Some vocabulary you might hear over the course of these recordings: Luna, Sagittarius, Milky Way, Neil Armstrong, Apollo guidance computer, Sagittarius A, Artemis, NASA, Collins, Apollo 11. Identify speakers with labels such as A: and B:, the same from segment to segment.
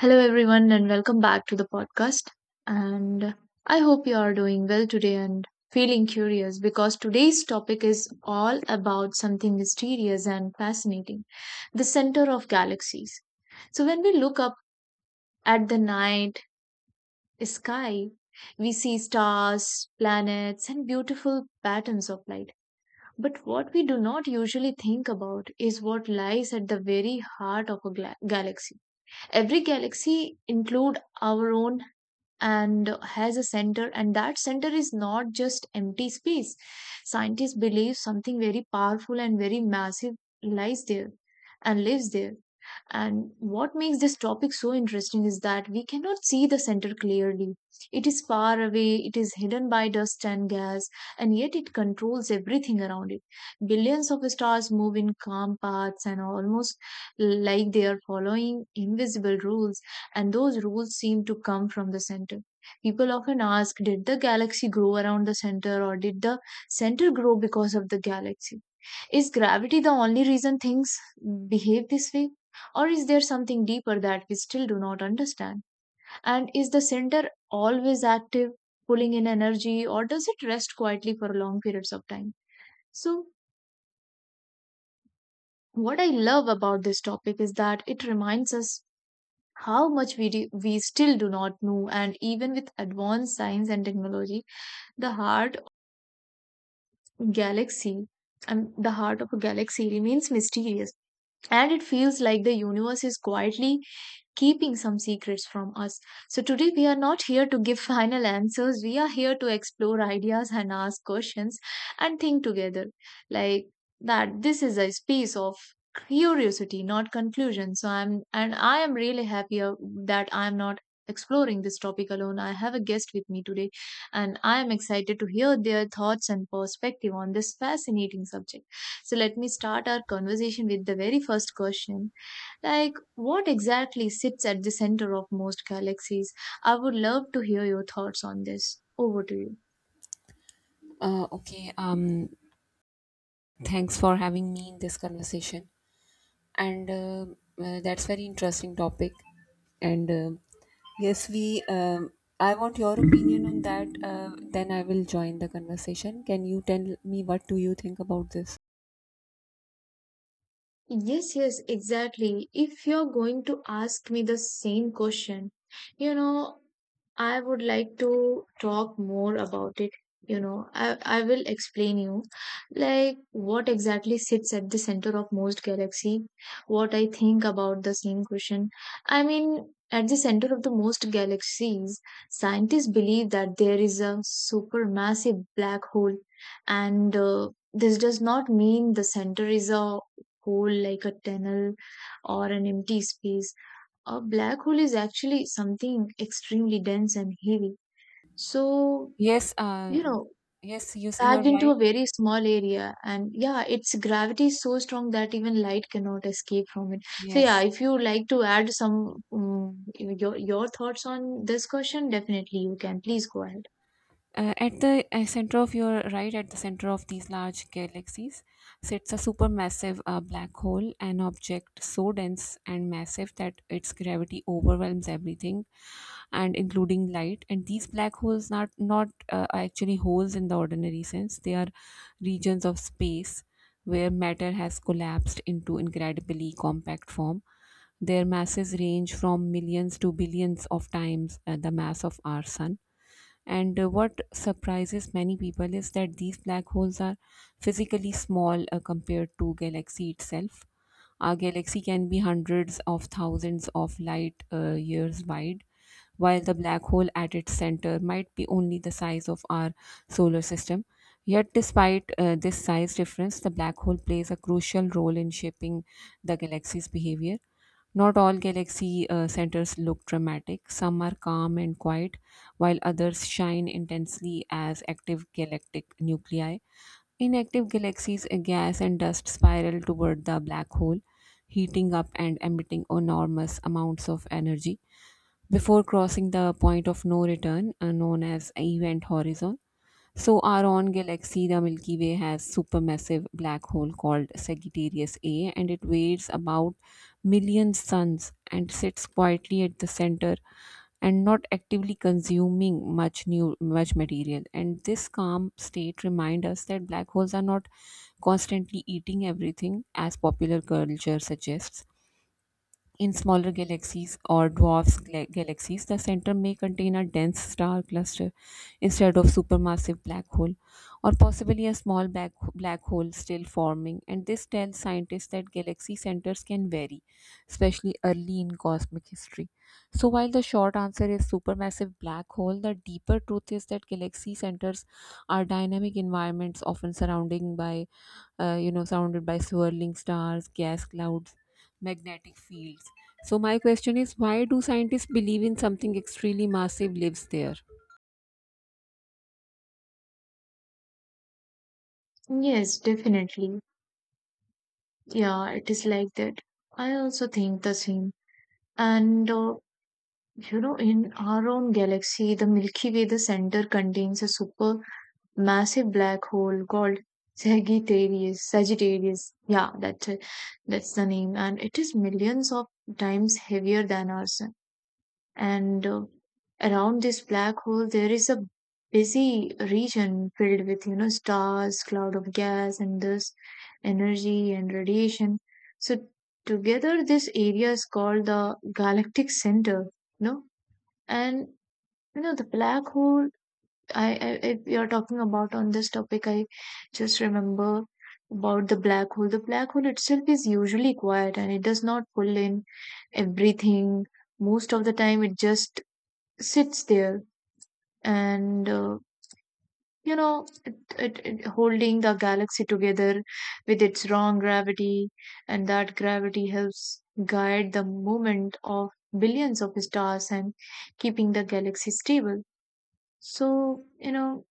A: Hello, everyone, and welcome back to the podcast. And I hope you are doing well today and feeling curious because today's topic is all about something mysterious and fascinating, the center of galaxies. So, when we look up at the night sky, we see stars, planets, and beautiful patterns of light. But what we do not usually think about is what lies at the very heart of a galaxy. Every galaxy include our own and has a center, and that center is not just empty space. Scientists believe something very powerful and very massive lies there and lives there. And what makes this topic so interesting is that we cannot see the center clearly. It is far away, it is hidden by dust and gas, and yet it controls everything around it. Billions of stars move in calm paths and almost like they are following invisible rules, and those rules seem to come from the center. People often ask, did the galaxy grow around the center, or did the center grow because of the galaxy? Is gravity the only reason things behave this way? Or is there something deeper that we still do not understand? And is the center always active, pulling in energy, or does it rest quietly for long periods of time? So, what I love about this topic is that it reminds us how much we still do not know, and even with advanced science and technology, the heart of galaxy the heart of a galaxy remains mysterious, and it feels like the universe is quietly keeping some secrets from us. So, today we are not here to give final answers, we are here to explore ideas and ask questions and think together. Like that, this is a space of curiosity, not conclusion. So, I am really happy that I'm not exploring this topic alone. I have a guest with me today, and I am excited to hear their thoughts and perspective on this fascinating subject. So let me start our conversation with the very first question. Like, what exactly sits at the center of most galaxies? I would love to hear your thoughts on this. Over to you.
B: Uh, okay. Um, Thanks for having me in this conversation. And That's very interesting topic. And yes, we. I want your opinion on that. Then I will join the conversation. Can you tell me what do you think about this?
A: Yes, yes, exactly. If you're going to ask me the same question, you know, I would like to talk more about it. You know, I will explain you like what exactly sits at the center of most galaxy, what I think about the same question. I mean, at the center of the most galaxies, scientists believe that there is a supermassive black hole, and this does not mean the center is a hole like a tunnel or an empty space. A black hole is actually something extremely dense and heavy. So,
B: Yes.
A: you know,
B: Yes. You're
A: packed into
B: right.
A: a very small area, and yeah, its gravity is so strong that even light cannot escape from it. So, yeah,
B: Yes.
A: if you like to add some your thoughts on this question, definitely you can. Please go ahead.
B: At the center of your right, at the center of these large galaxies, sits a supermassive black hole, an object so dense and massive that its gravity overwhelms everything, and including light. And these black holes not are actually holes in the ordinary sense; they are regions of space where matter has collapsed into incredibly compact form. Their masses range from millions to billions of times the mass of our sun, and what surprises many people is that these black holes are physically small compared to galaxy itself. Our galaxy can be hundreds of thousands of light years wide, while the black hole at its center might be only the size of our solar system. Yet, despite this size difference, the black hole plays a crucial role in shaping the galaxy's behavior. Not all galaxy centers look dramatic. Some are calm and quiet, while others shine intensely as active galactic nuclei. Inactive galaxies, gas and dust spiral toward the black hole, heating up and emitting enormous amounts of energy before crossing the point of no return, known as event horizon. So, our own galaxy, the Milky Way, has supermassive black hole called Sagittarius A, and it weighs about million suns and sits quietly at the center and not actively consuming much new much material. And this calm state reminds us that black holes are not constantly eating everything, as popular culture suggests in smaller galaxies or galaxies, the center may contain a dense star cluster instead of supermassive black hole, or possibly a small black hole still forming. And this tells scientists that galaxy centers can vary, especially early in cosmic history. So, while the short answer is supermassive black hole, the deeper truth is that galaxy centers are dynamic environments often surrounding by surrounded by swirling stars, gas clouds, magnetic fields. So, my question is why do scientists believe in something extremely massive lives there?
A: Yes, definitely. Yeah, it is like that. I also think the same. And you know, in our own galaxy, the Milky Way, the center contains a super massive black hole called Sagittarius. Sagittarius, yeah, that's the name, and it is millions of times heavier than our sun. And around this black hole, there is a busy region filled with, you know, stars, cloud of gas, and dust, energy and radiation. So together, this area is called the galactic center. You know, and you know, the black hole, if you're talking about on this topic, I just remember about the black hole. The black hole itself is usually quiet and it does not pull in everything. Most of the time, it just sits there and, you know, it holding the galaxy together with its strong gravity, and that gravity helps guide the movement of billions of stars and keeping the galaxy stable. So, you know,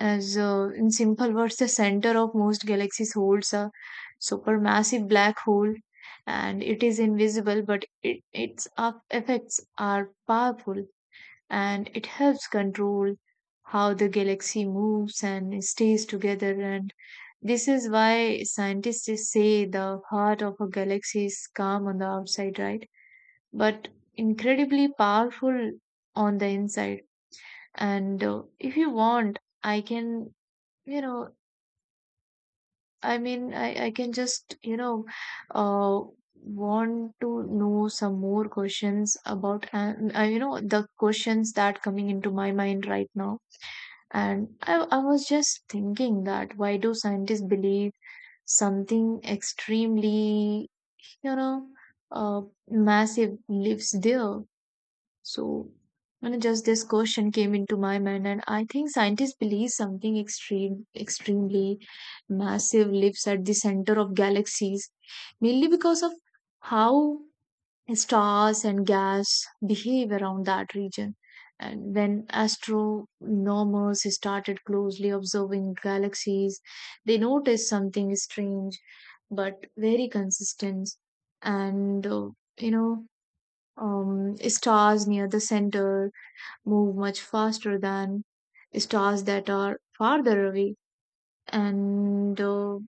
A: as in simple words, the center of most galaxies holds a supermassive black hole, and it is invisible, but its effects are powerful, and it helps control how the galaxy moves and stays together. And this is why scientists say the heart of a galaxy is calm on the outside, right? But incredibly powerful on the inside. And if you want, I can, you know, I mean, I can just, you know, uh, want to know some more questions about, you know, the questions that coming into my mind right now. And I was just thinking that why do scientists believe something extremely, you know, uh, massive lives there? So, you know, just this question came into my mind, and I think scientists believe extremely massive lives at the center of galaxies, mainly because of how stars and gas behave around that region. And when astronomers started closely observing galaxies, they noticed something strange but very consistent. And, you know, stars near the center move much faster than stars that are farther away, and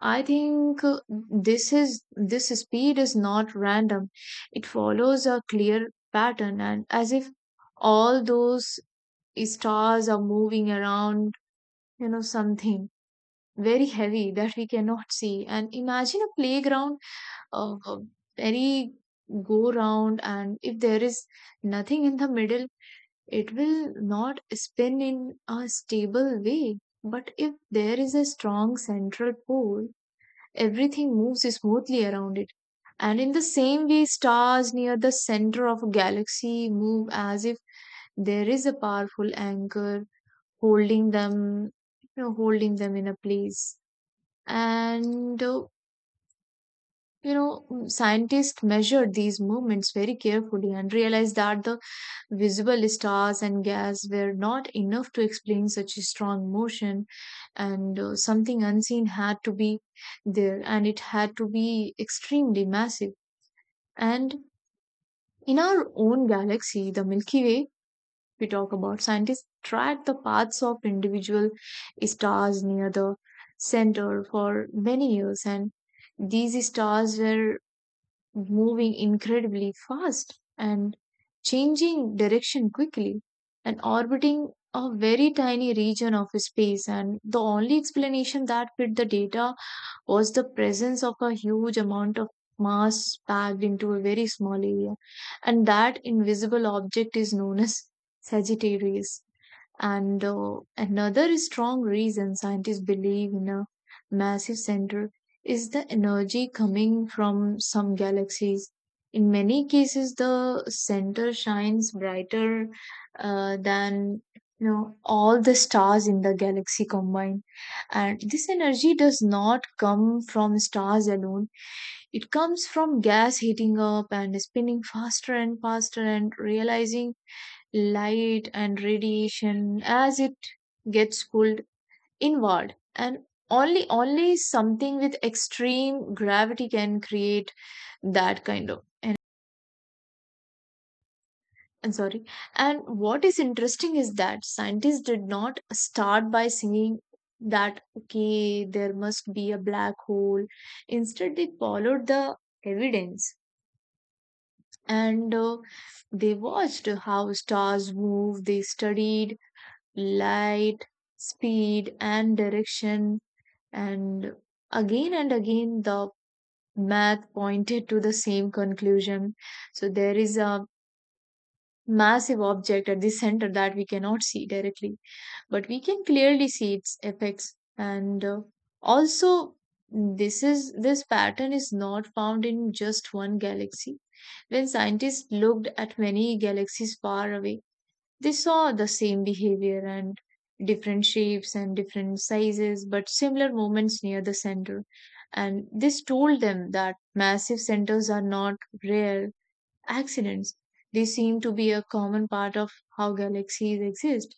A: I think this speed is not random. It follows a clear pattern, and as if all those stars are moving around, you know, something very heavy that we cannot see. And imagine a playground, a very go round, and if there is nothing in the middle, it will not spin in a stable way, but if there is a strong central pole, everything moves smoothly around it. And in the same way, stars near the center of a galaxy move as if there is a powerful anchor holding them, you know, holding them in a place. And you know, scientists measured these movements very carefully and realized that the visible stars and gas were not enough to explain such a strong motion, and something unseen had to be there, and it had to be extremely massive. And in our own galaxy, the Milky Way, we talk about, scientists tracked the paths of individual stars near the center for many years, and these stars were moving incredibly fast and changing direction quickly and orbiting a very tiny region of space, and the only explanation that fit the data was the presence of a huge amount of mass packed into a very small area, and that invisible object is known as Sagittarius. And another strong reason scientists believe in a massive center is the energy coming from some galaxies. In many cases, the center shines brighter than, you know, all the stars in the galaxy combined. And this energy does not come from stars alone. It comes from gas heating up and spinning faster and faster and realizing light and radiation as it gets pulled inward, and only something with extreme gravity can create that kind of, and I'm sorry, and what is interesting is that scientists did not start by singing that, okay, there must be a black hole. Instead they followed the evidence, and they watched how stars move, they studied light, speed, and direction. And and again, the math pointed to the same conclusion. So there is a massive object at the center that we cannot see directly, but we can clearly see its effects. And also, this pattern is not found in just one galaxy. When scientists looked at many galaxies far away, they saw the same behavior and different shapes and different sizes, but similar movements near the center. And this told them that massive centers are not rare accidents. They seem to be a common part of how galaxies exist.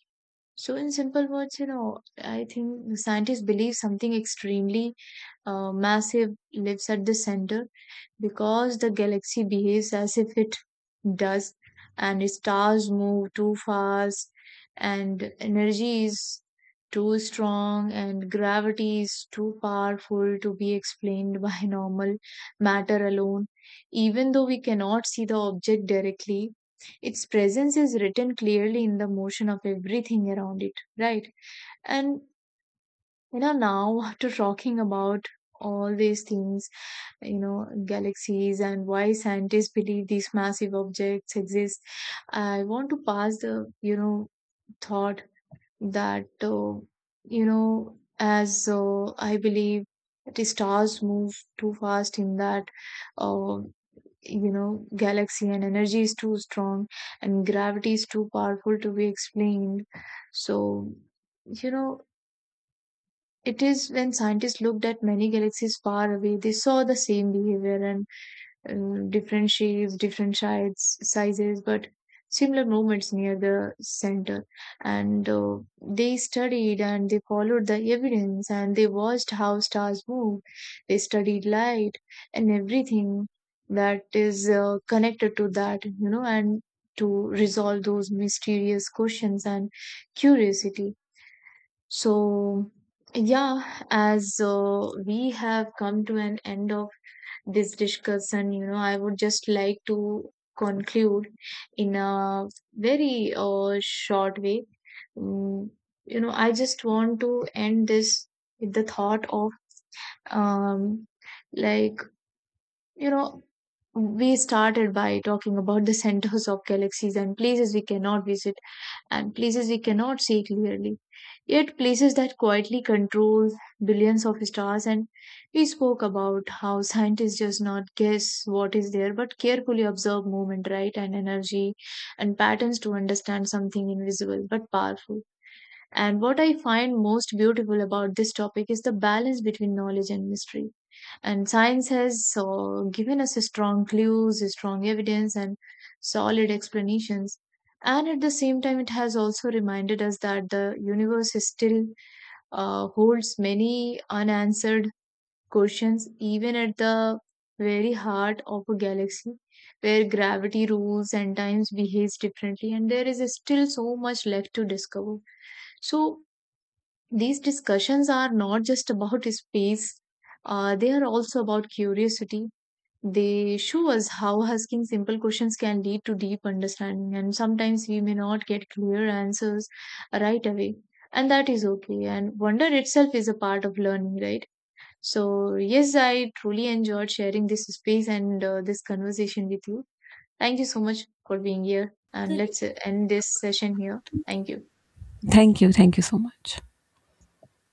A: So, in simple words, you know, I think the scientists believe something extremely massive lives at the center because the galaxy behaves as if it does, and stars move too fast, and energy is too strong, and gravity is too powerful to be explained by normal matter alone. Even though we cannot see the object directly, its presence is written clearly in the motion of everything around it, right? And you know, now after talking about all these things, you know, galaxies and why scientists believe these massive objects exist, I want to pass the, you know, thought that, you know, as I believe the stars move too fast in that, uh, you know, galaxy, and energy is too strong and gravity is too powerful to be explained. So, you know, it is when scientists looked at many galaxies far away, they saw the same behavior and different shapes, different sides, sizes, but similar movements near the center. And they studied and they followed the evidence and they watched how stars move. They studied light and everything that is connected to that, you know, and to resolve those mysterious questions and curiosity. So, yeah, as we have come to an end of this discussion, you know, I would just like to conclude in a very short way. Mm, you know, I just want to end this with the thought of, um, like, you know, we started by talking about the centers of galaxies and places we cannot visit and places we cannot see clearly, yet places that quietly control billions of stars. And we spoke about how scientists just not guess what is there, but carefully observe movement, right, and energy and patterns to understand something invisible but powerful. And what I find most beautiful about this topic is the balance between knowledge and mystery, and science has so given us strong clues, strong evidence and solid explanations, and at the same time it has also reminded us that the universe is still, holds many unanswered questions even at the very heart of a galaxy where gravity rules and times behaves differently, and there is still so much left to discover. So these discussions are not just about space, they are also about curiosity. They show us how asking simple questions can lead to deep understanding, and sometimes we may not get clear answers right away, and that is okay. And wonder itself is a part of learning, right? So, yes, I truly enjoyed sharing this space and, this conversation with you. Thank you so much for being here, and let's end this session here. Thank you.
B: Thank you. Thank you so much.